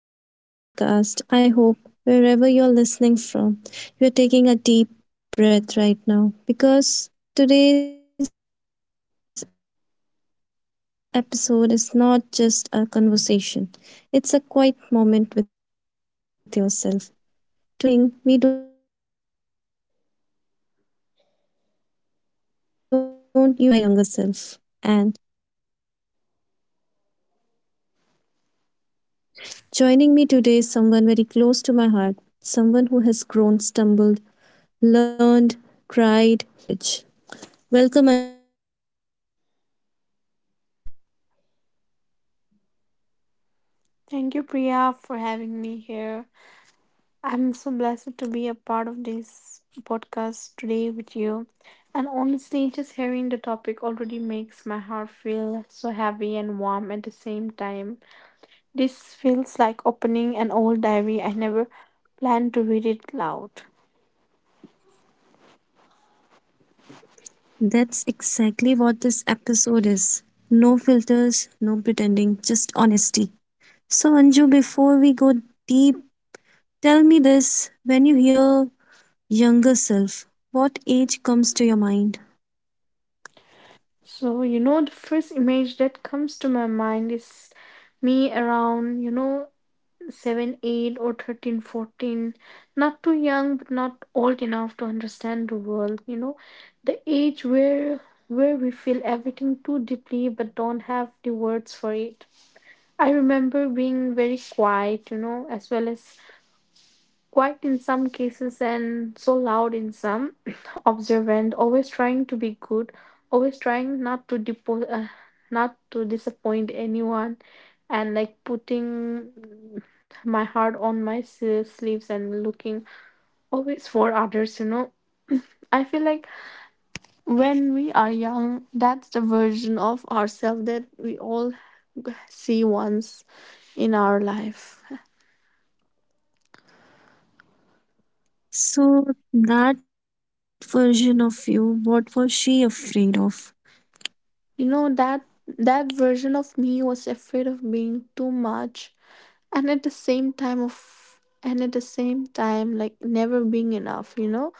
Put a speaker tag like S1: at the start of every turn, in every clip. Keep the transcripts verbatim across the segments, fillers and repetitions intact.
S1: Back to the podcast. I hope wherever you're listening from, you're taking a deep breath right now because today's episode is not just a conversation, it's a quiet moment with yourself. Today, we are talking about something deeply personal, something we don't usually say out loud. Today's topic is Letter to My Younger Self. And joining me today is someone very close to my heart, someone who has grown, stumbled, learned, cried, healed, and still showed, shows up every day with courage. Welcome, Anju.
S2: Thank you, Priya, for having me here. I'm so blessed to be a part of this podcast today with you. And honestly, just hearing the topic already makes my heart feel so heavy and warm at the same time. This feels like opening an old diary. I never planned to read it loud.
S1: That's exactly what this episode is. No filters, no pretending, just honesty. So, Anju, before we go deep, tell me this, when you hear younger self, what age comes to your mind?
S2: So, you know, the first image that comes to my mind is me around, you know, seven, eight, or thirteen, fourteen. Not too young, but not old enough to understand the world, you know. The age where where we feel everything too deeply but don't have the words for it. I remember being very quiet, you know, as well as quiet in some cases and so loud in some, observant, always trying to be good, always trying not to depo- uh, not to disappoint anyone, and like putting my heart on my s- sleeves and looking always for others you know i feel like when we are young, that's the version of ourselves that we all see once in our life
S1: So, that version of you, what was she afraid of?
S2: you know that that version of me was afraid of being too much and at the same time of and at the same time like never being enough you know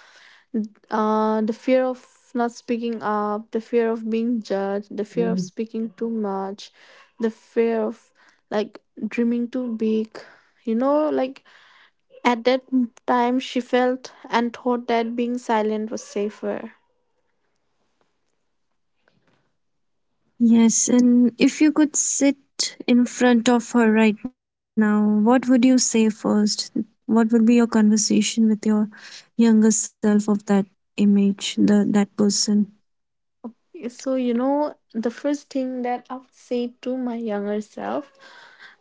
S2: Uh, the fear of not speaking up, the fear of being judged, the fear of speaking too much, the fear of like dreaming too big. You know, like at that m- time, she felt and thought that being silent was safer.
S1: Yes, and if you could sit in front of her right now, say first? What would be your conversation with your younger self of that image, the that person?
S2: So, you know, the first thing that I would say to my younger self.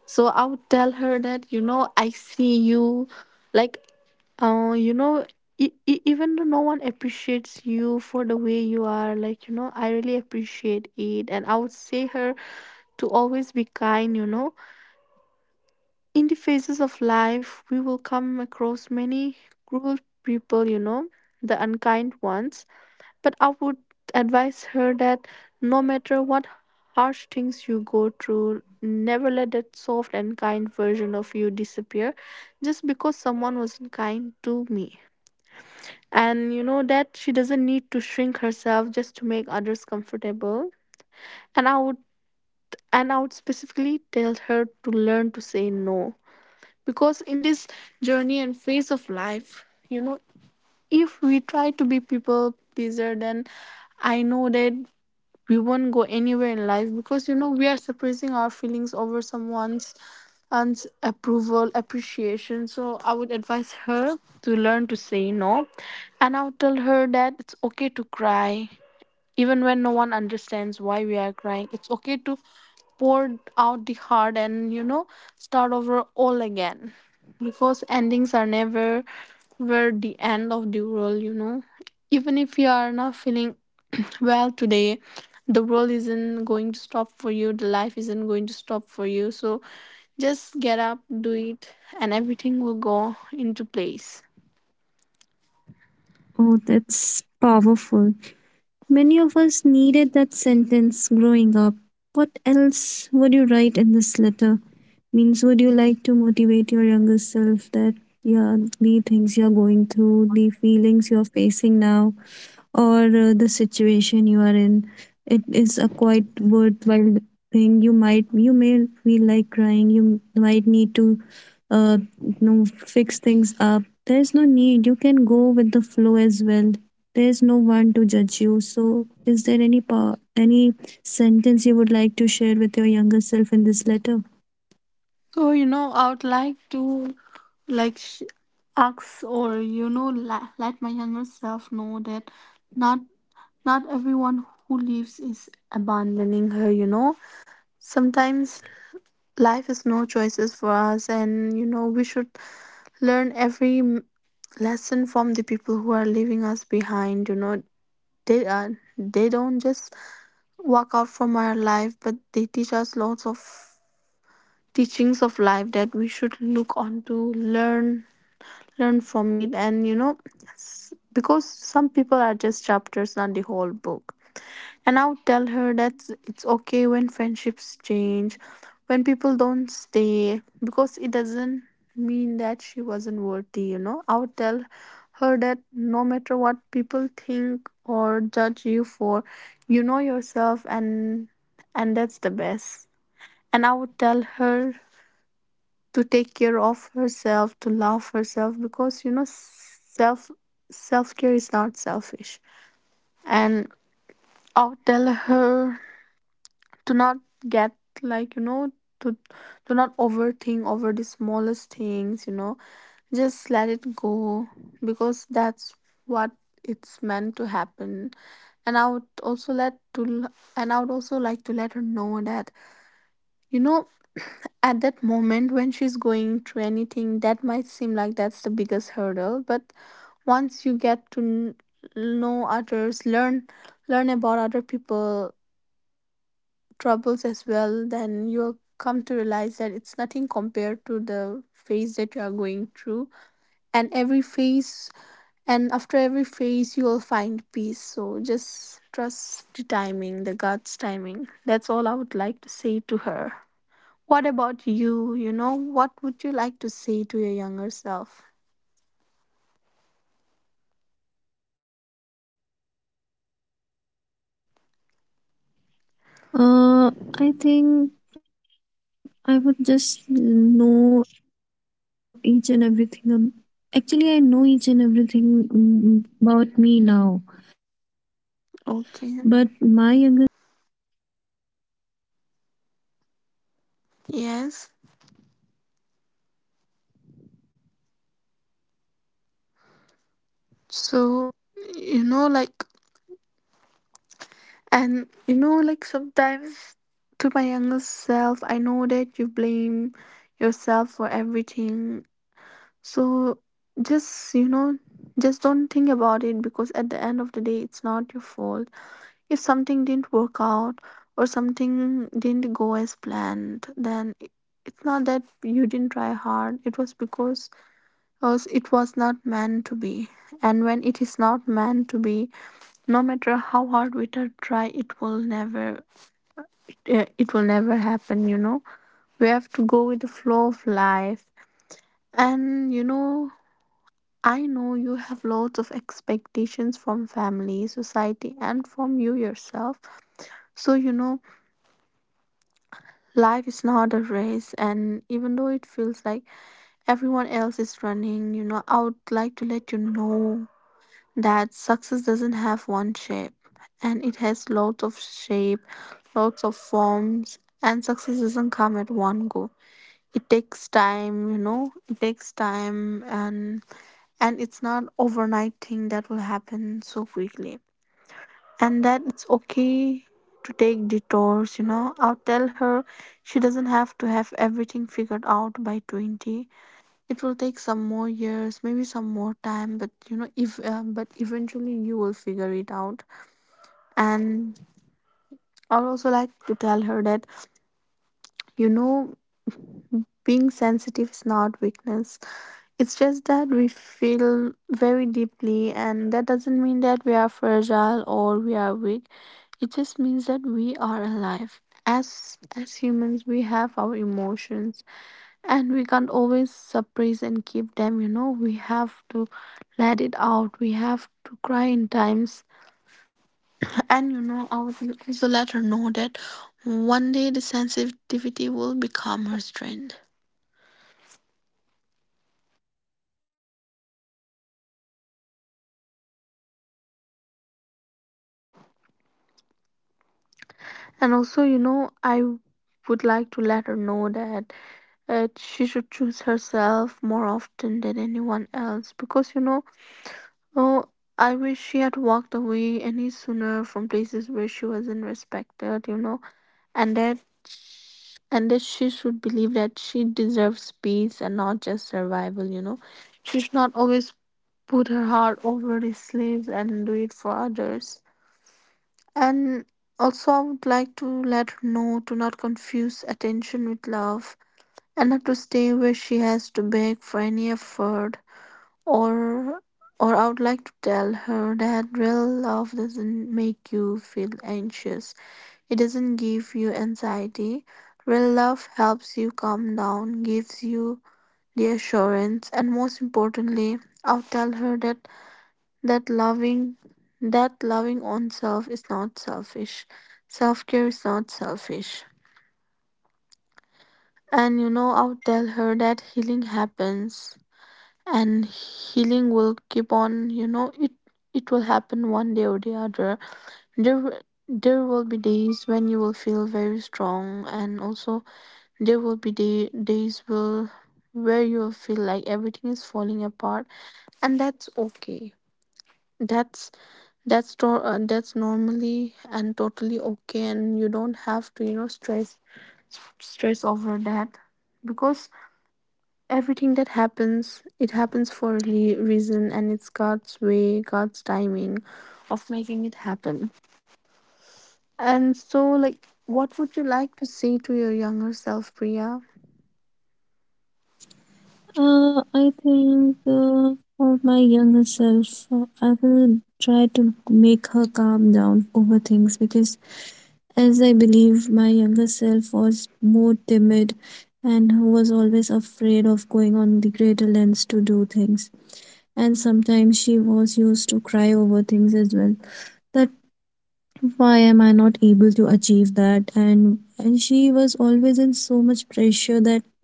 S2: So I would tell her that, you know, I see you. Like, uh, you know, e- e- even though no one appreciates you for the way you are, like, you know, I really appreciate it. And I would say her to always be kind, you know. In the phases of life, we will come across many cruel people, you know, the unkind ones. But I would advise her that no matter what harsh things you go through, never let that soft and kind version of you disappear just because someone wasn't kind to me. And you know that she doesn't need to shrink herself just to make others comfortable. And I would and I would specifically tell her to learn to say no. Because in this journey and phase of life, you know, if we try to be people pleaser, then I know that we won't go anywhere in life, because you know we are suppressing our feelings over someone's and approval appreciation. So I would advise her to learn to say no. And I would tell her that it's okay to cry even when no one understands why we are crying. It's okay to pour out the heart and, you know, start over all again. Because endings are never were the end of the world, you know. Even if you are not feeling well today, the world isn't going to stop for you, the life isn't going to stop for you. So just get up, do it, and everything will go into place.
S1: Oh, that's powerful. Many of us needed that sentence growing up. What else would you write in this letter? Means, would you like to motivate your younger self that, yeah, the things you're going through, the feelings you're facing now, or uh, the situation you are in, it is a quite worthwhile thing, you might, you may feel like crying, you might need to uh you know fix things up, there's no need, you can go with the flow as well, there's no one to judge you. So is there any pa- any sentence you would like to share with your younger self in this letter?
S2: So, you know, I would like to like sh- ask, or you know la- let my younger self know that not not everyone who leaves is abandoning her, you know. Sometimes life is no choices for us, and you know we should learn every m- lesson from the people who are leaving us behind, you know. They are they don't just walk out from our life, but they teach us lots of teachings of life that we should look on to learn learn from it and you know s- Because some people are just chapters, not the whole book. And I would tell her that it's okay when friendships change, when people don't stay, because it doesn't mean that she wasn't worthy you know i would tell her that no matter what people think or judge you for, you know yourself, and and that's the best. And I would tell her to take care of herself, to love herself, because you know self self care is not selfish. And I'll tell her to not get like you know to to not overthink over the smallest things you know Just let it go, because that's what it's meant to happen. And i would also let to and I would also like to let her know that You know, at that moment when she's going through anything, that might seem like that's the biggest hurdle. But once you get to kn- know others, learn learn about other people troubles as well, then you'll come to realize that it's nothing compared to the phase that you are going through. And every phase and after every phase, you'll find peace. So just trust the timing, the God's timing. That's all I would like to say to her. What about you? You know, what would you like to say to your younger self?
S1: Uh i think I would just know each and everything ab- actually, I know each and everything, mm, about me now, but my younger self would not know each and every details, and maybe she might be uh, crying, or maybe she might be feeling low
S2: Okay.
S1: at times, and she might be uh, facing facing such
S2: Yes.
S1: situations, uh, where she might have uh, found her weak, or maybe she's not able
S2: So,
S1: to handle
S2: you
S1: that.
S2: know, like,
S1: So if I will be in
S2: and
S1: front of
S2: you
S1: my
S2: know, like
S1: younger self, I'll
S2: sometimes
S1: just
S2: to my
S1: try
S2: younger
S1: to
S2: self,
S1: motivate
S2: I know
S1: motivate
S2: that you
S1: myself
S2: blame
S1: that
S2: yourself
S1: it's
S2: for
S1: okay,
S2: everything.
S1: just relax, you
S2: So,
S1: know, this moment
S2: just,
S1: will
S2: you
S1: just
S2: know,
S1: go on,
S2: just
S1: this
S2: don't
S1: moment
S2: think
S1: will
S2: about it,
S1: pass.
S2: because
S1: And
S2: at the end
S1: you
S2: of the
S1: know,
S2: day, it's not your
S1: now you're
S2: fault.
S1: feeling that you're
S2: If
S1: weak,
S2: something didn't work
S1: but
S2: out
S1: someday
S2: or
S1: this weak
S2: something
S1: time,
S2: didn't go as
S1: this
S2: planned,
S1: feelings
S2: then i-
S1: this
S2: it's
S1: the
S2: not
S1: po-
S2: that
S1: the
S2: you
S1: things
S2: didn't
S1: you're
S2: try
S1: feeling
S2: hard.
S1: now
S2: It was because
S1: will make you
S2: because
S1: stronger
S2: it
S1: in the
S2: was not
S1: future,
S2: meant to
S1: because
S2: be.
S1: I
S2: And
S1: am
S2: when
S1: your
S2: it is
S1: future.
S2: not
S1: And
S2: meant to be,
S1: uh, you
S2: no
S1: know
S2: matter
S1: where you
S2: how
S1: are s-
S2: hard we try,
S1: your
S2: try,
S1: grounds,
S2: it will
S1: and uh,
S2: never,
S1: this will be a
S2: uh,
S1: lesson
S2: it
S1: for
S2: will
S1: you.
S2: never happen. You
S1: So
S2: know,
S1: just
S2: we have to go
S1: uh,
S2: with the flow of
S1: let people
S2: life.
S1: go, let people come,
S2: And you
S1: and,
S2: know,
S1: uh, you know, that some
S2: I know
S1: people are
S2: you
S1: just
S2: have
S1: the
S2: lots of
S1: chapters and not the
S2: expectations
S1: whole
S2: from
S1: book.
S2: family,
S1: You just
S2: society,
S1: need to
S2: and
S1: keep
S2: from you
S1: that pace
S2: yourself.
S1: with you, just
S2: So you
S1: let
S2: know
S1: it go. We have to teach our
S2: life
S1: younger
S2: is
S1: selves
S2: not a
S1: that there
S2: race,
S1: are things.
S2: and even though it feels like everyone else is running you know i would like to let you know that success doesn't have one shape, and it has lots of shape lots of forms. And success doesn't come at one go. It takes time you know it takes time and and it's not overnight thing that will happen so quickly. And that it's okay to take detours you know i'll tell her she doesn't have to have everything figured out by twenty. It will take some more years, maybe some more time, but you know if uh, but eventually you will figure it out. And I'll also like to tell her that you know being sensitive is not weakness. It's just that we feel very deeply, and that doesn't mean that we are fragile or we are weak. It just means that we are alive. As as humans, we have our emotions, and we can't always suppress and keep them. You know, we have to let it out. We have to cry in times, and you know, I would also let her know that one day the sensitivity will become her strength. And also, you know, I would like to let her know that uh, she should choose herself more often than anyone else, because, you know, oh, I wish she had walked away any sooner from places where she wasn't respected, you know, and that and that she should believe that she deserves peace and not just survival, you know. She should not always put her heart over the sleeves and do it for others. And also, I would like to let her know to not confuse attention with love, and not to stay where she has to beg for any effort. Or, or I would like to tell her that real love doesn't make you feel anxious, it doesn't give you anxiety. Real love helps you calm down, gives you the assurance, and most importantly, I'll tell her that that loving that loving oneself is not selfish. Self care is not selfish. And you know, I'll tell her that healing happens, and healing will keep on, you know, it it will happen one day or the other. There there will be days when you will feel very strong, and also there will be day, days will where you will feel like everything is falling apart, and that's okay. That's that's to- uh, that's normally and totally okay, and you don't have to you know stress stress over that. Because everything that happens, it happens for a le- reason, and it's god's way God's timing of making it happen. And so, like, what would you like to say to your younger self, Priya?
S1: Uh, I think, uh, for my younger self, uh, I will try to make her calm down over things because, as I believe, my younger self was more timid, and who was always afraid of going on the greater lengths to do things. And sometimes she was used to cry over things as well. That why am I not able to achieve that? And and she was always in so much pressure that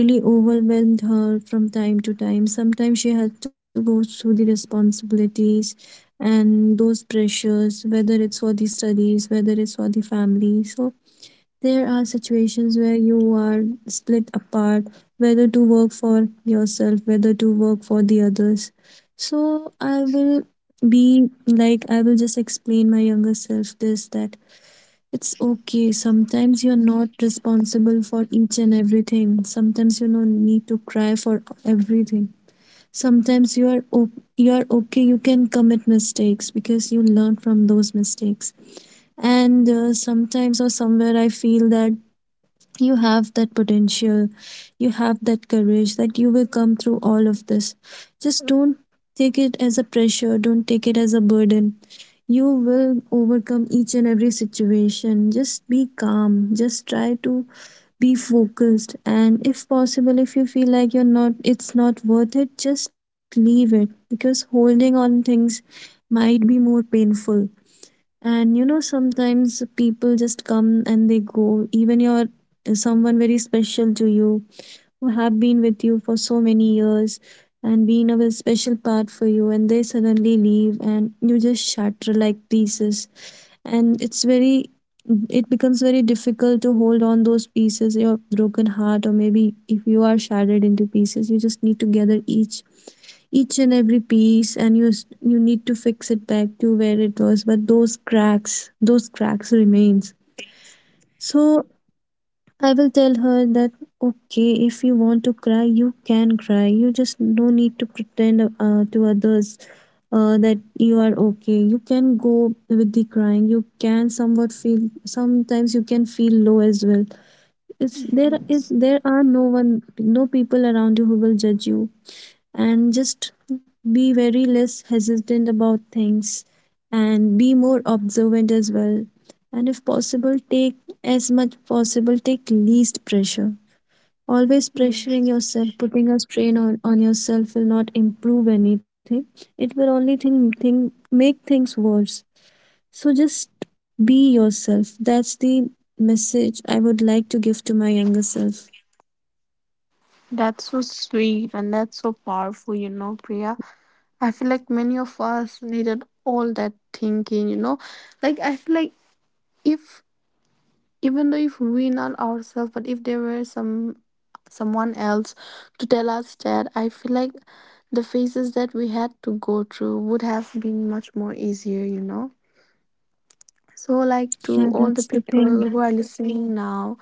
S1: really overwhelmed her from time to time. Sometimes she had to go through the responsibilities and those pressures, whether it's for the studies, whether it's for the family. So there are situations where you are split apart, whether to work for yourself, whether to work for the others. So I will be like, I will just explain my younger self this, that it's okay. Sometimes you're not responsible for each and everything. Sometimes you don't need to cry for everything. Sometimes you are o- you are okay. You can commit mistakes because you learn from those mistakes. And uh, sometimes or somewhere I feel that you have that potential, you have that courage, that you will come through all of this. Just don't take it as a pressure, don't take it as a burden, you will overcome each and every situation. Just be calm, just try to be focused, and if possible, if you feel like you're not, it's not worth it, just leave it, because holding on things might be more painful. And you know, sometimes people just come and they go, even your someone very special to you, who have been with you for so many years, and been a special part for you, and they suddenly leave, and you just shatter like pieces. And it's very, it becomes very difficult to hold on those pieces, your broken heart, or maybe if you are shattered into pieces, you just need to gather each each and every piece, and you s- you need to fix it back to where it was, but those cracks, those cracks remains. So I will tell her that, okay, if you want to cry, you can cry, you just no need to pretend uh, to others, uh, that you are okay, you can go with the crying, you can somewhat feel, sometimes you can feel low as well. it's there
S2: Mhm.
S1: is there are no one, no people around you who will judge you. And just be very less hesitant about things, and be more observant as well. And if possible, take as much possible, take least pressure. Always pressuring
S2: Yes,
S1: yourself, putting a strain on, on yourself, will not improve anything, it will only thing, thing make things worse. So just be yourself, that's the message I would like to give to my younger self.
S2: that's so sweet and that's so powerful, you know, Priya. I feel like many of us needed all that thinking, you know. Like, I feel like if even though if we not ourselves but if there were some someone else to tell us that I feel like the phases that we had to go through would have been much more easier, you know. So like to
S1: Yeah,
S2: all the
S1: that's the
S2: people who
S1: thing.
S2: are listening now,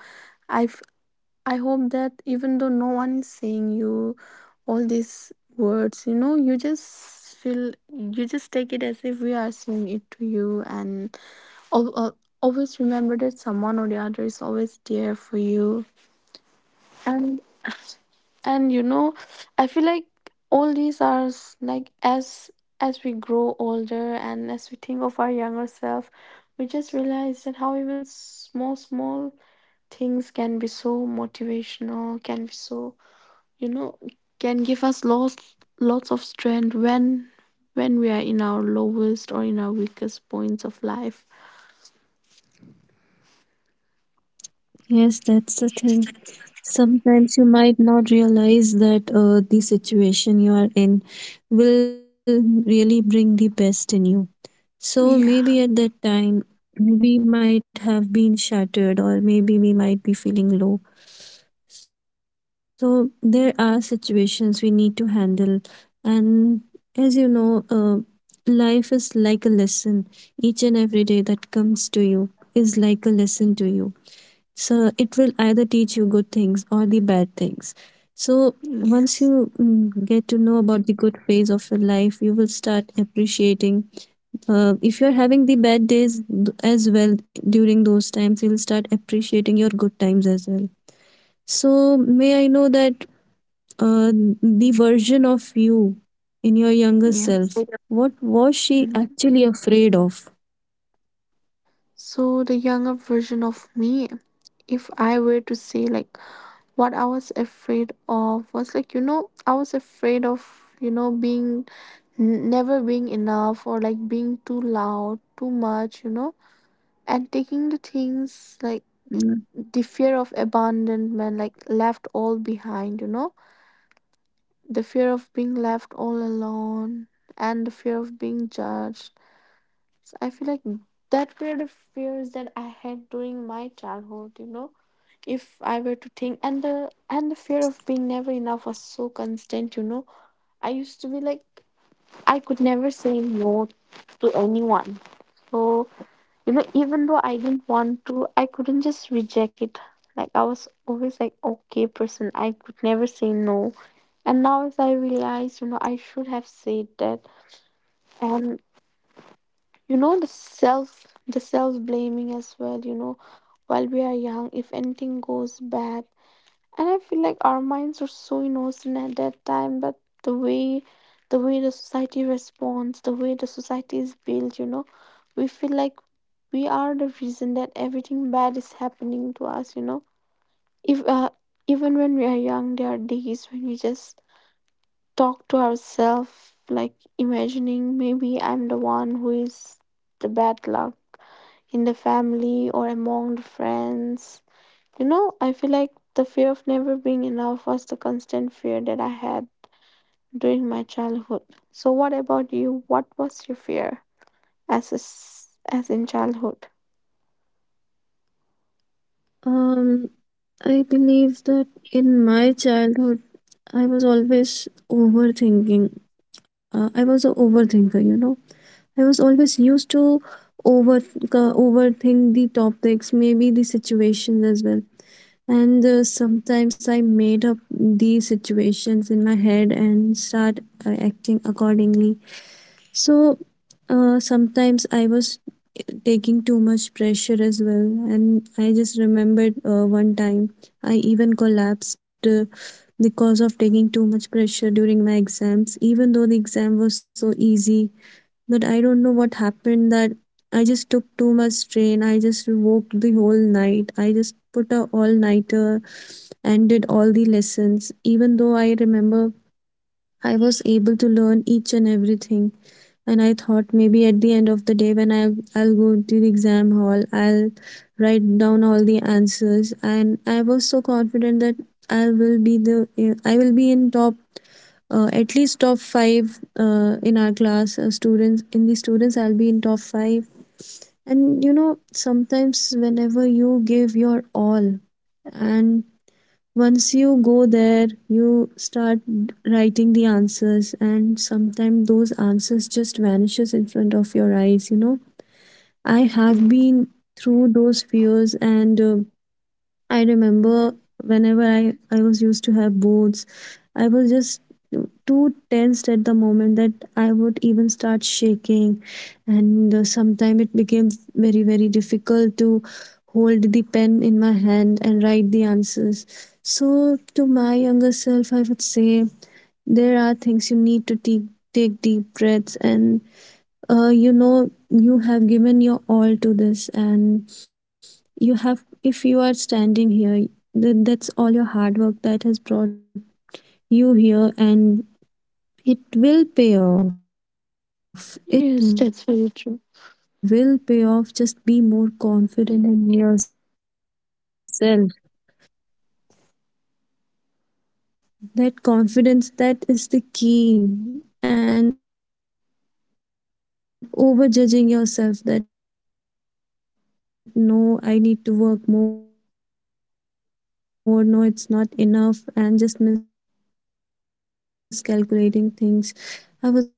S2: i f- I hope that even though no one is saying you all these words, you know, you just feel, you just take it as if we are saying it to you. And Al- al- always remember that someone or the other is always there for you. And and you know, I feel like all these are s- like as as we grow older and as we think of our younger self, we just realize that how even small small things can be so motivational, can be so, you know, can give us lots lots of strength when when we are in our lowest or in our weakest points of life.
S1: Yes, that's the thing. Sometimes you might not realize that uh, the situation you are in will really bring the best in you. So
S2: Yeah.
S1: maybe at that time, we might have been shattered, or maybe we might be feeling low. So there are situations we need to handle. And as you know, uh, life is like a lesson. Each and every day that comes to you is like a lesson to you. So it will either teach you good things or the bad things. So
S2: Yes.
S1: once you mm, get to know about the good phase of your life, you will start appreciating. Uh, if you're having the bad days th- as well, during those times, you'll start appreciating your good times as well. So may I know that, uh, the version of you in your
S2: Yes.
S1: younger self, what was she actually afraid of?
S2: So, the younger version of me, if I were to say, like, what I was afraid of was like, you know, I was afraid of, you know, being n- never being enough or like being too loud, too much, you know, and taking the things like the fear
S1: Mm.
S2: of abandonment, like left all behind, you know, the fear of being left all alone and the fear of being judged. I feel like that were the fears that I had during my childhood, you know. If I were to think, and the and the fear of being never enough was so constant, you know. I used to be like I could never say no to anyone. So, you know, even though I didn't want to, I couldn't just reject it. Like I was always like okay person. I could never say no. And now as I realize, you know, I should have said that. And you know, the self the self blaming as well, you know, while we are young, if anything goes bad. And I feel like our minds are so innocent at that time, but the way the way the society responds, the way the society is built, you know, we feel like we are the reason that everything bad is happening to us, you know. If uh, even when we are young, there are days when we just talk to ourselves, like imagining maybe I'm the one who is the bad luck in the family or among the friends. You know, I feel like the fear of never being enough was the constant fear that I had during my childhood. So, what about you? What was your fear as a s as in childhood?
S1: Um, I believe that in my childhood, I was always overthinking. Uh, I was an overthinker, you know. I was always used to over uh, overthink the topics, maybe the situations as well. And uh, sometimes I made up these situations in my head and start uh, acting accordingly. So uh, sometimes I was taking too much pressure as well. And I just remembered uh, one time I even collapsed uh, because of taking too much pressure during my exams, even though the exam was so easy. But I don't know what happened, that I just took too much strain. I just woke the whole night, I just put a all nighter and did all the lessons, even though I remember I was able to learn each and everything. And I thought maybe at the end of the day, when I, I'll go to the exam hall, I'll write down all the answers. And I was so confident that I will be the I will be in top, uh, at least top five, uh, in our class, uh, students in the students, I'll be in top five. And you know, sometimes whenever you give your all, and once you go there, you start writing the answers, and sometimes those answers just vanishes in front of your eyes, you know. I have
S2: Mm.
S1: been through those fears. And uh, I remember, whenever I, I was used to have boards, I was just too tensed at the moment that I would even start shaking. And uh, sometimes it became very, very difficult to hold the pen in my hand and write the answers. So, to my younger self, I would say there are things you need to take, take deep breaths, and uh, you know, you have given your all to this. And you have, if you are standing here, th- that's all your hard work that has brought you here, and it will pay off, it will pay off, just be more
S2: Yes, that's very
S1: confident in
S2: true.
S1: yourself. That confidence, that is the key, and over judging yourself that, no, I need to work more, no, it's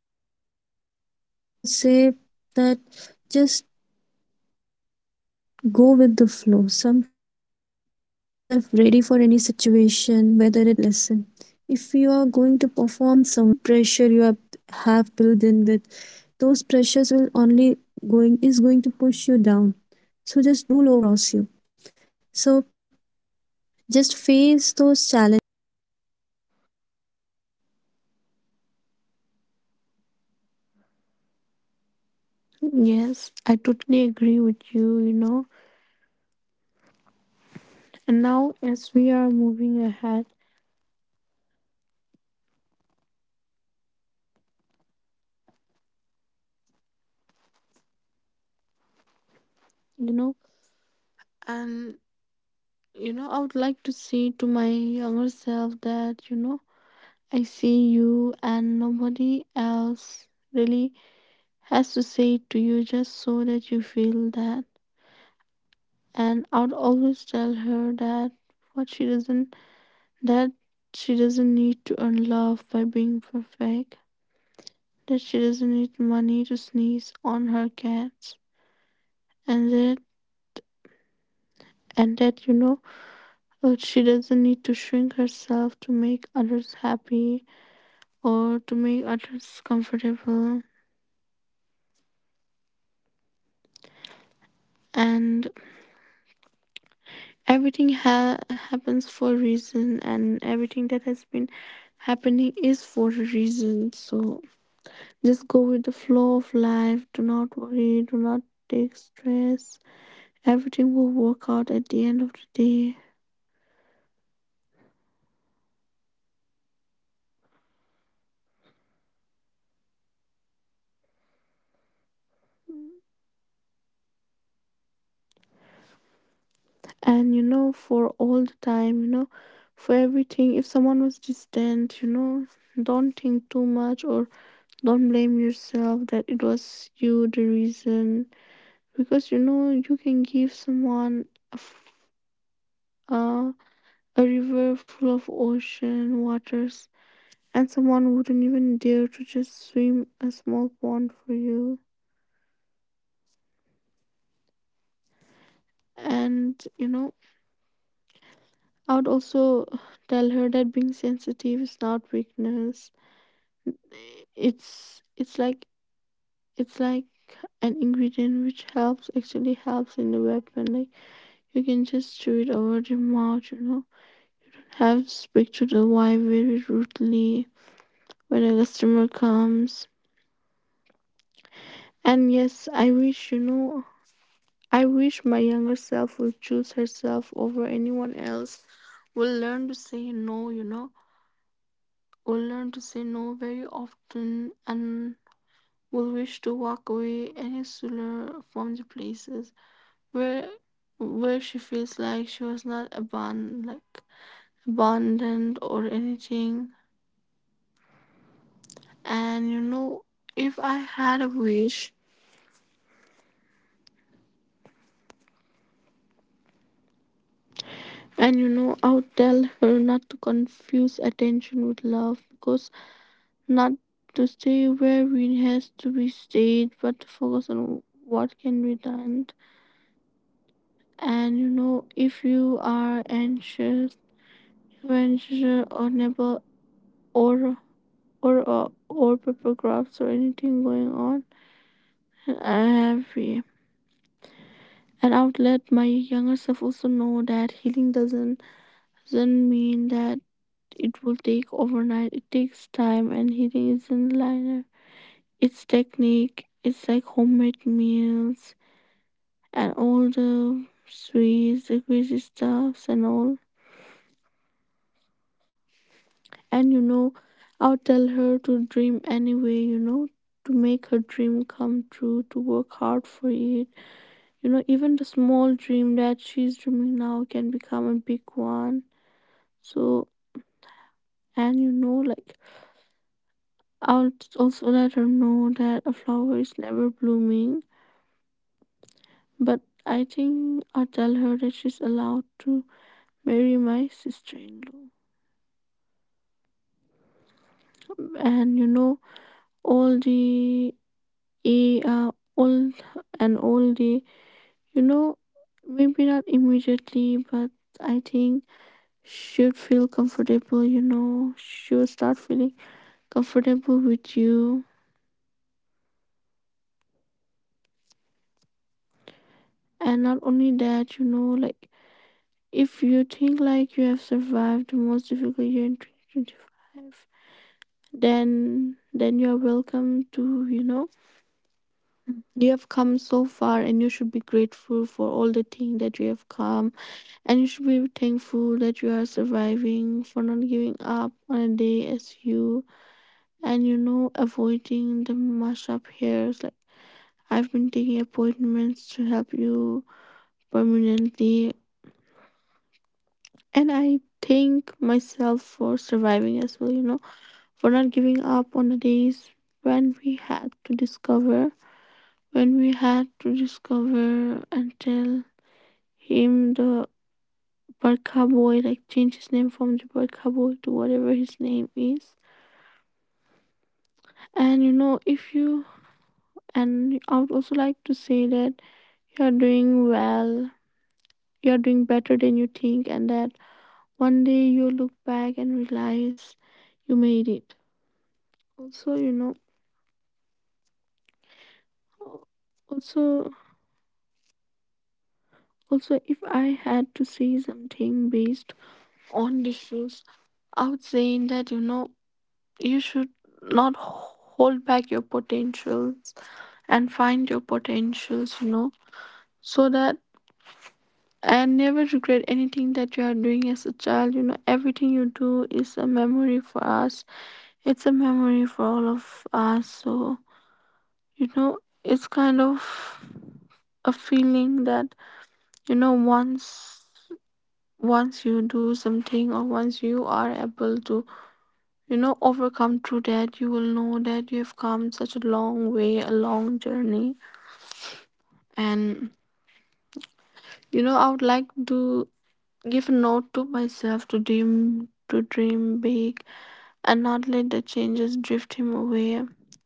S1: not enough, and just miscalculating things, I would say that, just go with the flow. Sometimes if you are making yourself ready for any situation, whether it's an exam, whether it's a competition, or whether it's a life lesson. If you are going to perform somewhere, just perform with your heart, not just with the pressure you have, have built in with. Those pressures will only going is going to push you down. So just don't make those pressure
S2: Yes,
S1: rule
S2: I
S1: you.
S2: totally agree
S1: Make
S2: with you, you know.
S1: yourself rule over those uh,
S2: And
S1: challenges
S2: now,
S1: that
S2: as we
S1: that
S2: are
S1: have came
S2: moving ahead,
S1: across you so just face those challenges with all the strength and courage you have, and just don't take too much pressure because
S2: you know,
S1: pressure will only take you down.
S2: and
S1: And you
S2: you
S1: know
S2: know, I would like to say to my
S1: uh,
S2: younger self
S1: sometimes
S2: that, you know,
S1: lots of
S2: I
S1: pressure
S2: see
S1: maybe
S2: you and
S1: may
S2: nobody
S1: bring ill
S2: else
S1: effect to your
S2: really
S1: mind as well.
S2: has to say it
S1: And
S2: to you just
S1: I
S2: so that you
S1: remember
S2: feel that.
S1: sometimes I, I was used to
S2: And I'd
S1: prepare too
S2: always
S1: much for
S2: tell
S1: the
S2: her
S1: exam.
S2: that
S1: Even
S2: what
S1: I
S2: she
S1: get
S2: doesn't
S1: ill sometimes,
S2: that
S1: and
S2: she doesn't
S1: sometimes
S2: need
S1: it e-
S2: to earn
S1: even
S2: love by
S1: happened
S2: being
S1: that I
S2: perfect.
S1: have to uh,
S2: That she doesn't
S1: postpone my
S2: need
S1: exam
S2: money
S1: or
S2: to
S1: just
S2: sneeze
S1: have
S2: on
S1: to
S2: her
S1: uh,
S2: cats.
S1: ask my teachers that
S2: And
S1: um
S2: that
S1: I'm not well, I can't take the
S2: and that you
S1: exams.
S2: know,
S1: Maybe you can
S2: uh, she
S1: postpone it
S2: doesn't
S1: for
S2: need to
S1: me.
S2: shrink herself to
S1: So
S2: make others happy
S1: sometimes taking too
S2: or to
S1: much
S2: make
S1: pressure
S2: others
S1: also ruins
S2: comfortable.
S1: you, your even your mental strength, your body. So just let
S2: And
S1: those pressure don't lo-
S2: everything
S1: don't
S2: ha-
S1: lose faith,
S2: happens for a
S1: okay? Just
S2: reason, and
S1: don't let
S2: everything that
S1: those
S2: has been
S1: pressures rule you.
S2: happening is for
S1: You
S2: a
S1: rule over
S2: reason.
S1: them.
S2: So
S1: That would
S2: just
S1: be
S2: go with the
S1: what I
S2: flow
S1: would
S2: of
S1: like to say
S2: life,
S1: to
S2: do
S1: my
S2: not
S1: younger
S2: worry,
S1: self.
S2: do not take stress. Everything will work out at the end
S1: So
S2: of the
S1: Anju,
S2: day.
S1: moving on ahead, um Uh, may I know that is there something you would blame your younger self to? Means there were some situations you believe that if uh,
S2: And you
S1: in your
S2: know, for
S1: younger
S2: all
S1: self
S2: the
S1: you would
S2: time, you
S1: have
S2: know,
S1: um,
S2: for
S1: uh,
S2: everything, if someone
S1: handled
S2: was
S1: that
S2: distant, you know,
S1: situation in this
S2: don't
S1: way,
S2: think too
S1: so
S2: much
S1: might
S2: or
S1: be the
S2: don't
S1: situation
S2: blame
S1: you are
S2: yourself that it
S1: currently
S2: was
S1: in
S2: you
S1: in
S2: the
S1: your present
S2: reason.
S1: time would be
S2: Because you
S1: different.
S2: know, you
S1: Have you
S2: can
S1: ever
S2: give
S1: blamed your
S2: someone
S1: younger self
S2: a
S1: for the,
S2: uh, a river full of ocean waters, and someone
S1: you know,
S2: wouldn't
S1: because
S2: even dare to just
S1: sometimes
S2: swim a small
S1: situations
S2: pond
S1: are
S2: for
S1: like,
S2: you.
S1: no, um, I don't want to face it, and sometimes you
S2: And
S1: might
S2: you
S1: feel
S2: know,
S1: low, and even you know,
S2: I would
S1: well,
S2: also
S1: you
S2: tell her
S1: age
S2: that being
S1: by
S2: sensitive
S1: your
S2: is
S1: years
S2: not
S1: coming by, the
S2: weakness.
S1: situations they build you,
S2: It's it's like
S1: and the mental
S2: it's like
S1: strength you might
S2: an
S1: not
S2: ingredient
S1: be
S2: which
S1: having
S2: helps,
S1: in your
S2: actually
S1: younger
S2: helps
S1: days.
S2: in the
S1: But
S2: weapon.
S1: now
S2: Like
S1: you know
S2: you
S1: that
S2: can
S1: what
S2: just
S1: would be
S2: chew
S1: the
S2: it over
S1: correct
S2: the
S1: option.
S2: mouth,
S1: If
S2: you
S1: you could
S2: know.
S1: have done
S2: You
S1: this
S2: don't
S1: at
S2: have
S1: that
S2: to speak to
S1: particular
S2: the
S1: age
S2: wife
S1: or in
S2: very
S1: that
S2: rudely
S1: situation,
S2: when a
S1: you might
S2: customer
S1: be in a better
S2: comes.
S1: situation today. So
S2: And yes,
S1: those
S2: I
S1: things
S2: wish, you
S1: I
S2: know,
S1: think that really
S2: I
S1: guides,
S2: wish
S1: you
S2: my
S1: know,
S2: younger self would
S1: uh,
S2: choose
S1: maybe
S2: herself
S1: today
S2: over
S1: we are,
S2: anyone
S1: might be
S2: else,
S1: thinking of
S2: will
S1: those things
S2: learn to
S1: as a
S2: say no, you
S1: pressure
S2: know,
S1: and we are
S2: will
S1: not
S2: learn to say no
S1: overcoming it
S2: very
S1: by ourselves,
S2: often,
S1: but
S2: and
S1: sometimes we
S2: will wish to
S1: just
S2: walk
S1: have to
S2: away any
S1: consider those
S2: sooner
S1: things, those
S2: from the
S1: situation,
S2: places
S1: not
S2: where
S1: as pressure
S2: where
S1: but
S2: she
S1: as
S2: feels like
S1: lessons. You
S2: she
S1: know,
S2: was not
S1: sometimes
S2: abandoned, like
S1: hard learned lessons
S2: abandoned
S1: are
S2: or
S1: the
S2: anything.
S1: best lessons of life. Sometimes you have
S2: And
S1: to
S2: you
S1: go through
S2: know,
S1: hard
S2: if I
S1: times
S2: had a
S1: and
S2: wish,
S1: s- those sweat, those, those tears, and uh, someday those tears will also
S2: and
S1: paid
S2: you
S1: off.
S2: know, I would
S1: And
S2: tell her
S1: uh,
S2: not to
S1: maybe
S2: confuse attention with
S1: there will
S2: love.
S1: be a
S2: Because
S1: time where you will
S2: not
S1: be able
S2: to
S1: to
S2: stay where we
S1: make a
S2: has
S1: eye
S2: to be
S1: contact with your
S2: stayed, but to
S1: younger
S2: focus
S1: self. You
S2: on
S1: can
S2: what
S1: motivate
S2: can be
S1: them and
S2: done.
S1: say that today,
S2: And you
S1: maybe
S2: know,
S1: it's your
S2: if
S1: not
S2: you
S1: it's
S2: are
S1: not your day,
S2: anxious,
S1: but tomorrow,
S2: anxious
S1: maybe
S2: or
S1: you can
S2: never,
S1: go on,
S2: or
S1: maybe you can face
S2: or
S1: this
S2: uh,
S1: again,
S2: or paper
S1: and
S2: crafts or
S1: maybe
S2: anything going on,
S1: sometime you can
S2: I
S1: lose
S2: have
S1: yourself to
S2: free.
S1: those situation, because sometimes
S2: And I
S1: it's
S2: would
S1: not
S2: let my
S1: about you
S2: younger
S1: have
S2: self
S1: to be
S2: also know
S1: standing
S2: that healing
S1: in all
S2: doesn't
S1: the toughest
S2: doesn't
S1: times, you know.
S2: mean that
S1: You need to
S2: it will
S1: face those
S2: take overnight. It
S1: situations.
S2: takes time, and
S1: Um
S2: healing
S1: sometimes
S2: isn't
S1: you
S2: linear.
S1: can wait, you know,
S2: It's
S1: let the
S2: technique.
S1: situation
S2: It's like homemade
S1: uh, go
S2: meals
S1: on. Don't take
S2: and
S1: those
S2: all
S1: pressures,
S2: the
S1: don't be
S2: sweets,
S1: so
S2: the crazy stuffs, and all.
S1: overwhelmed with the situation, just let it go.
S2: And you know,
S1: Sometimes it's
S2: I'll
S1: all
S2: tell her
S1: about
S2: to
S1: letting the
S2: dream
S1: things go.
S2: anyway,
S1: And
S2: you
S1: you
S2: know,
S1: know,
S2: to make
S1: sometimes we
S2: her
S1: start
S2: dream come
S1: blaming
S2: true, to
S1: ourselves
S2: work hard for it.
S1: that uh,
S2: You know, even the
S1: what
S2: small
S1: what could be
S2: dream
S1: the
S2: that
S1: best
S2: she's
S1: thing we
S2: dreaming
S1: have
S2: now can
S1: could have
S2: become a
S1: done in
S2: big
S1: that
S2: one.
S1: situation or that
S2: So,
S1: event or
S2: and you
S1: whatsoever.
S2: know, like,
S1: The uh, the
S2: I'll
S1: situation is,
S2: also let
S1: maybe
S2: her
S1: it's
S2: know
S1: hard or
S2: that a
S1: maybe it's
S2: flower is
S1: easy,
S2: never blooming,
S1: so there are times, you know,
S2: but
S1: you
S2: I
S1: need to
S2: think I'll tell
S1: come
S2: her that
S1: over
S2: she's
S1: those
S2: allowed
S1: things
S2: to
S1: and,
S2: marry
S1: mm,
S2: my
S1: make
S2: sister
S1: yourself
S2: in law.
S1: shine. And I think I was the,
S2: And you
S1: the
S2: know,
S1: I'm still
S2: all
S1: blaming myself
S2: the
S1: for some situations as
S2: yeah,
S1: well, where
S2: all
S1: I
S2: and
S1: might have
S2: all
S1: not
S2: the,
S1: performed well,
S2: you know,
S1: or
S2: maybe
S1: maybe
S2: not
S1: due to
S2: immediately,
S1: some
S2: but I
S1: pressure,
S2: think
S1: um, or
S2: should
S1: due to
S2: feel
S1: some
S2: comfortable, you
S1: maybe
S2: know,
S1: external
S2: should start
S1: pressure or
S2: feeling
S1: internal pressure.
S2: comfortable with
S1: I was
S2: you.
S1: guided to make ill decisions or wrong decisions,
S2: And
S1: which
S2: not
S1: was
S2: only
S1: so
S2: that, you
S1: wrong
S2: know,
S1: that
S2: like
S1: really
S2: if you
S1: messed
S2: think
S1: me up
S2: like you
S1: in
S2: have
S1: very b-
S2: survived the
S1: worst
S2: most
S1: way
S2: difficult year in
S1: possible. So
S2: twenty twenty-five,
S1: s- things are
S2: then then you're
S1: situational, you
S2: welcome
S1: know.
S2: to, you know,
S1: Sometimes you can't judge on
S2: you have
S1: things
S2: come
S1: or
S2: so
S1: just
S2: far and you should be
S1: uh,
S2: grateful
S1: think
S2: for all
S1: about
S2: the
S1: the
S2: thing that you have
S1: overcomes, or
S2: come.
S1: maybe you
S2: And you
S1: might
S2: should be
S1: overthink
S2: thankful
S1: the
S2: that you are
S1: matters,
S2: surviving,
S1: the
S2: for not giving up
S1: situations,
S2: on
S1: but
S2: a day as
S1: those
S2: you.
S1: those things are
S2: And
S1: not
S2: you
S1: like
S2: know, avoiding the
S1: you can
S2: mash
S1: go
S2: up
S1: on with
S2: here.
S1: the
S2: Like
S1: flow. You know,
S2: I've been
S1: sometimes you
S2: taking
S1: have to give
S2: appointments to
S1: yourself
S2: help
S1: the
S2: you
S1: time. And
S2: permanently,
S1: you know, our younger self
S2: and
S1: was
S2: I
S1: meant to be
S2: thank
S1: stupid.
S2: myself
S1: We
S2: for
S1: were
S2: surviving as well, you know,
S1: allowed to do
S2: for not
S1: stupid
S2: giving
S1: things.
S2: up on the
S1: And
S2: days
S1: now we are having
S2: when we had to
S1: responsibilities.
S2: discover
S1: Those
S2: when we
S1: responsibilities
S2: had
S1: are
S2: to
S1: really weighing us
S2: discover
S1: down.
S2: and tell
S1: And some way or the
S2: him
S1: other, we
S2: the
S1: feel that this
S2: Barkha boy,
S1: is not
S2: like change his
S1: worth
S2: name
S1: it. Today,
S2: from the
S1: we
S2: Barkha
S1: might
S2: boy
S1: feel
S2: to
S1: like
S2: whatever
S1: this is
S2: his
S1: not
S2: name
S1: worth
S2: is.
S1: it. But some situ-
S2: And you
S1: situations will
S2: know,
S1: really
S2: if you,
S1: guide you out of that.
S2: and
S1: And
S2: I would
S1: that
S2: also like to
S1: matters.
S2: say that
S1: And
S2: you are
S1: uh,
S2: doing well,
S1: I believe
S2: you are doing better than you
S1: blaming
S2: think,
S1: our
S2: and that
S1: younger self
S2: one
S1: is,
S2: day you
S1: mm,
S2: look
S1: like
S2: back
S1: we are
S2: and
S1: just hiding
S2: realize
S1: from our
S2: you
S1: own
S2: made it.
S1: responsibilities,
S2: Also, you
S1: because
S2: know,
S1: sometimes we commit mistakes till today. So we are not
S2: also,
S1: perfect today, you know, even today, even
S2: also, if I
S1: after
S2: had to
S1: learning
S2: say
S1: all those
S2: something based
S1: lessons, even by the
S2: on the
S1: hard
S2: shoes,
S1: ways or
S2: I would say
S1: by
S2: that, you
S1: the
S2: know,
S1: uh, past,
S2: you should
S1: uh, past
S2: not
S1: lessons or the
S2: hold back your
S1: most
S2: potentials and find your
S1: uh, hard learned
S2: potentials, you know,
S1: lessons are like,
S2: so that
S1: um,
S2: and never regret
S1: situational
S2: anything that
S1: sometimes,
S2: you are
S1: uh,
S2: doing as a
S1: depending on
S2: child. You
S1: the
S2: know, everything you
S1: um,
S2: do is a memory
S1: circumstances
S2: for
S1: or
S2: us.
S1: uh, the
S2: It's a
S1: person
S2: memory
S1: you are
S2: for
S1: in
S2: all
S1: front
S2: of
S1: of,
S2: us. So,
S1: so things might
S2: you know,
S1: change, and
S2: it's
S1: our
S2: kind of
S1: younger selves was free to
S2: a
S1: commit
S2: feeling
S1: mistakes.
S2: that,
S1: We
S2: you
S1: should
S2: know,
S1: not pressure
S2: once
S1: them and we should not
S2: once you
S1: blame
S2: do
S1: them that
S2: something or once
S1: why
S2: you
S1: they
S2: are
S1: they
S2: able
S1: did
S2: to,
S1: this, why
S2: you
S1: they
S2: know,
S1: did that,
S2: overcome through
S1: because
S2: that, you will know
S1: at the
S2: that you
S1: end
S2: have
S1: of the
S2: come such a
S1: day
S2: long way, a long
S1: we
S2: journey.
S1: are letting those
S2: And
S1: uh, pressures guide
S2: you know,
S1: us.
S2: I would like
S1: And
S2: to
S1: that's the thing I would
S2: give a note
S1: say,
S2: to
S1: we, sh- we
S2: myself to
S1: shouldn't ever
S2: dream,
S1: allow
S2: to
S1: those
S2: dream
S1: pressure
S2: big,
S1: guide us.
S2: and
S1: We
S2: not
S1: should
S2: let the
S1: learn
S2: changes drift him away.
S1: things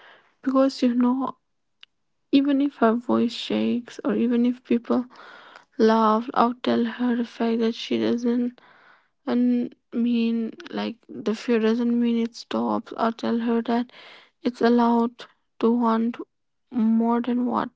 S1: and we
S2: Because
S1: have
S2: you
S1: to
S2: know,
S1: try to
S2: even
S1: bring
S2: if her voice
S1: everything
S2: shakes or
S1: positive
S2: even
S1: ou-
S2: if
S1: out of
S2: people
S1: it. You know,
S2: laugh, I'll
S1: sometimes
S2: tell
S1: we
S2: her
S1: can't
S2: the fact
S1: always
S2: that
S1: go
S2: she
S1: on with
S2: doesn't
S1: the uh,
S2: and
S1: flow.
S2: mean
S1: Sometimes we
S2: like
S1: can
S2: the fear
S1: wait.
S2: doesn't mean it
S1: And you
S2: stops.
S1: know,
S2: I'll
S1: we
S2: tell her
S1: even
S2: that
S1: start
S2: it's
S1: thinking about
S2: allowed
S1: the
S2: to want
S1: expectations of our
S2: more
S1: family,
S2: than what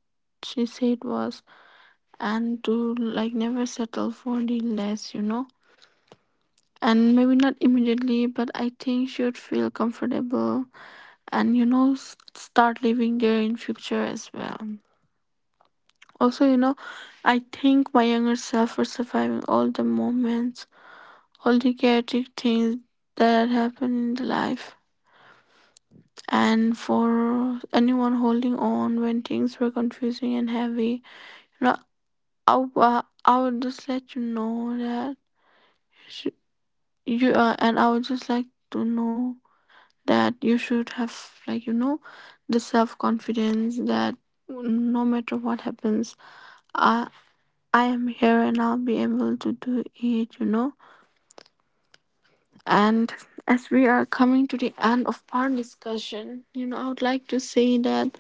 S2: she said was,
S1: society, and even yourself.
S2: and to like never
S1: So,
S2: settle for the
S1: younger
S2: less, you know.
S1: self had too many pressures, you
S2: And maybe
S1: know.
S2: not immediately, but
S1: Sometimes they
S2: I
S1: have
S2: think
S1: to
S2: should
S1: work for
S2: feel
S1: your, themselves,
S2: comfortable.
S1: sometimes they have
S2: And
S1: to
S2: you
S1: work
S2: know,
S1: for
S2: s-
S1: their
S2: start
S1: families,
S2: living there in
S1: sometimes
S2: future
S1: they were
S2: as well.
S1: split between their thoughts
S2: Also, you
S1: and their
S2: know,
S1: family
S2: I
S1: thoughts, or
S2: think my younger self for
S1: their
S2: surviving
S1: course
S2: all
S1: of
S2: the
S1: action might
S2: moments,
S1: differ because
S2: all the
S1: they were
S2: chaotic
S1: thinking
S2: things
S1: something
S2: that
S1: different
S2: happen
S1: and they
S2: in the
S1: were
S2: life,
S1: forced to do something different.
S2: and
S1: So,
S2: for anyone holding
S1: it's a
S2: on
S1: race,
S2: when
S1: you know.
S2: things were
S1: Sometimes
S2: confusing
S1: you
S2: and
S1: might
S2: heavy.
S1: fall behind,
S2: You know,
S1: sometimes you will be
S2: i,
S1: the
S2: w- uh,
S1: first, or
S2: I would
S1: maybe
S2: just let you
S1: sometimes you will be
S2: know that
S1: somewhere in the
S2: you,
S1: middle.
S2: should-
S1: And you
S2: you,
S1: know,
S2: uh, and I would just like
S1: it's
S2: to
S1: it's like
S2: know
S1: don't
S2: that
S1: take it
S2: you
S1: like,
S2: should have, like,
S1: yeah,
S2: you
S1: r-
S2: know,
S1: r-
S2: the
S1: running is
S2: self
S1: all you have
S2: confidence
S1: to do.
S2: that
S1: Sometimes you need to
S2: no
S1: take
S2: matter
S1: break
S2: what
S1: as well.
S2: happens, i
S1: And
S2: I am
S1: having
S2: here
S1: a
S2: and I'll be
S1: break,
S2: able
S1: having
S2: to
S1: a
S2: do
S1: sip of
S2: it, you
S1: water
S2: know.
S1: to recalculate things, to
S2: And
S1: think
S2: as we
S1: each
S2: are
S1: and
S2: coming to the
S1: everything,
S2: end of
S1: or
S2: our
S1: putting all the things
S2: discussion, you
S1: together.
S2: know, I would like to say
S1: So
S2: that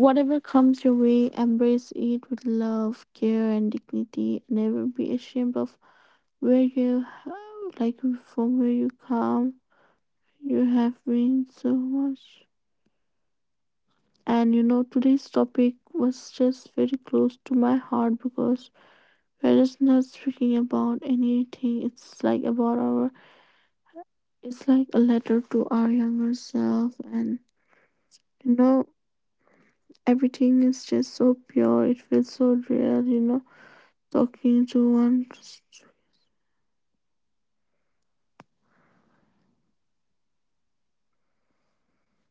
S1: we have
S2: comes your
S1: to
S2: way,
S1: be
S2: embrace
S1: aware of
S2: it with
S1: all those
S2: love, care
S1: situations
S2: and
S1: as well, you know.
S2: dignity. Never be ashamed of
S1: And
S2: where
S1: always
S2: you
S1: being able to
S2: ha-
S1: do
S2: like
S1: that is the
S2: from where you
S1: main thing.
S2: come.
S1: And
S2: You
S1: always
S2: have
S1: over
S2: been so
S1: judging things
S2: much.
S1: or over calculating things is
S2: And you
S1: also
S2: know,
S1: not good.
S2: today's topic was
S1: Sometimes you
S2: just very
S1: take a
S2: close to my
S1: pause
S2: heart
S1: to
S2: because
S1: understand
S2: we're just
S1: things.
S2: not
S1: And
S2: speaking about
S1: sometimes you just
S2: anything.
S1: take
S2: It's
S1: pause
S2: like
S1: because you
S2: about
S1: really
S2: our,
S1: don't want to face things.
S2: it's like a
S1: So
S2: letter
S1: there
S2: to
S1: is
S2: our
S1: a huge
S2: younger
S1: difference.
S2: self. And
S1: And
S2: you know,
S1: if you feel like
S2: everything
S1: that
S2: is
S1: this
S2: just
S1: thing
S2: so
S1: is not
S2: pure. It
S1: worth
S2: feels
S1: it,
S2: so real, you
S1: um,
S2: know,
S1: means if you are
S2: talking to
S1: going
S2: one
S1: to give so much thinking or so much uh, enthusiasm into something, I'll say just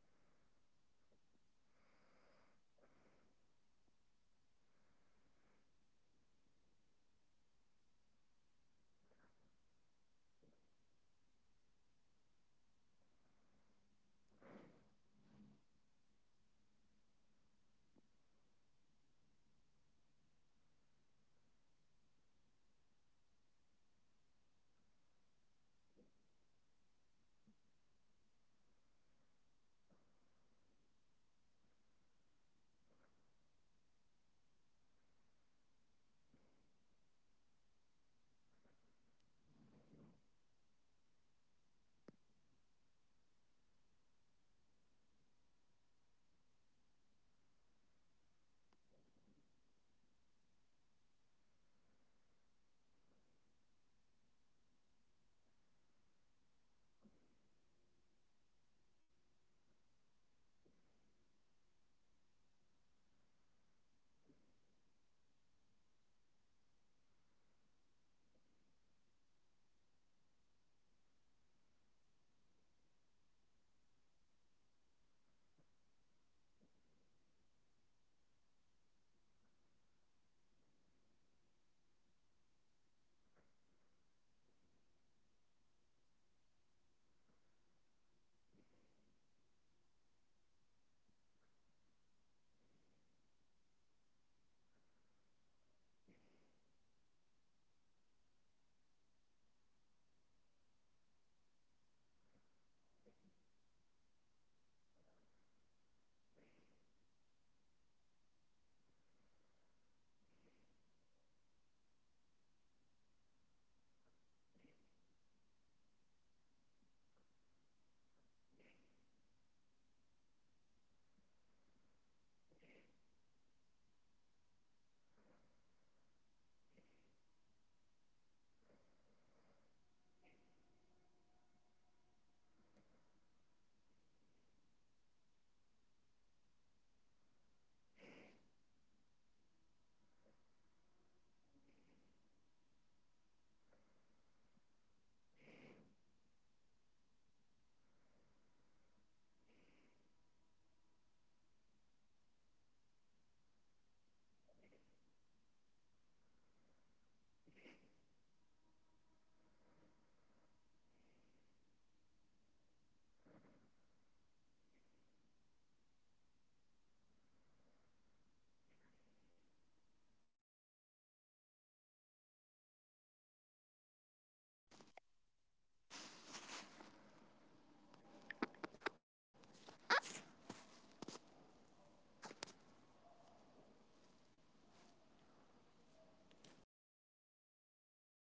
S1: sometimes go with the flow, commit the mistakes. Yeah, those mistakes will really make you perfect, because mistakes are meant to be made, and after doing mistakes only you realize that those life lessons and those situations were worthwhile for, you know, and they will really guide you even in the best way possible. We might be afraid of making mistakes, but making mistake is a good thing because you get to know your weaker points as well. And after committing those mistakes, you can work on your positive points so you can turn your negativity into positivity. So that's the thing, that's the key. And sometimes it's like, no, I just don't want to face all this, and you take a pause, and that's also okay. Sometimes you need time for yourself to figure out things. So don't be so pressurized, okay? Go with the flow, go with the people, go with your life. Just don't make it sound like it's a complicated puzzle. And at the end of the day, you have to fix each and every words present there. Or you, it's not like a mosaic or anything. Or you have to find each and every missing pieces. Okay, you can wait. You can wait for the next day as well. It's it's a long life, you know. And those, yeah, pressure, those overthinking will just overguide you. And it's okay, you can o- often take detours as well, you know. Sometimes if you have chosen a path and it like it's not worth it, no problem, just go back, choose another path, and carry on with that path. So it's like a trial and error method. You know, you first try things out and then you f- come to a conclusion. And it's like how life is about. In life there might be some people, there might be some friends, and even your even your family, and they will help you in in your simple ways possible, you know. Sometimes they will teach you lessons, sometimes they will be counting on you, and sometimes they'll be like they will support you, and sometimes you'll feel like they're not supporting you. So just l- go with the flow, just listen to your parents, okay, just don't listen to the each and every person in your life, just pay heed to the persons who are very important to you. And uh, uh, I will really like to guide my younger self as well.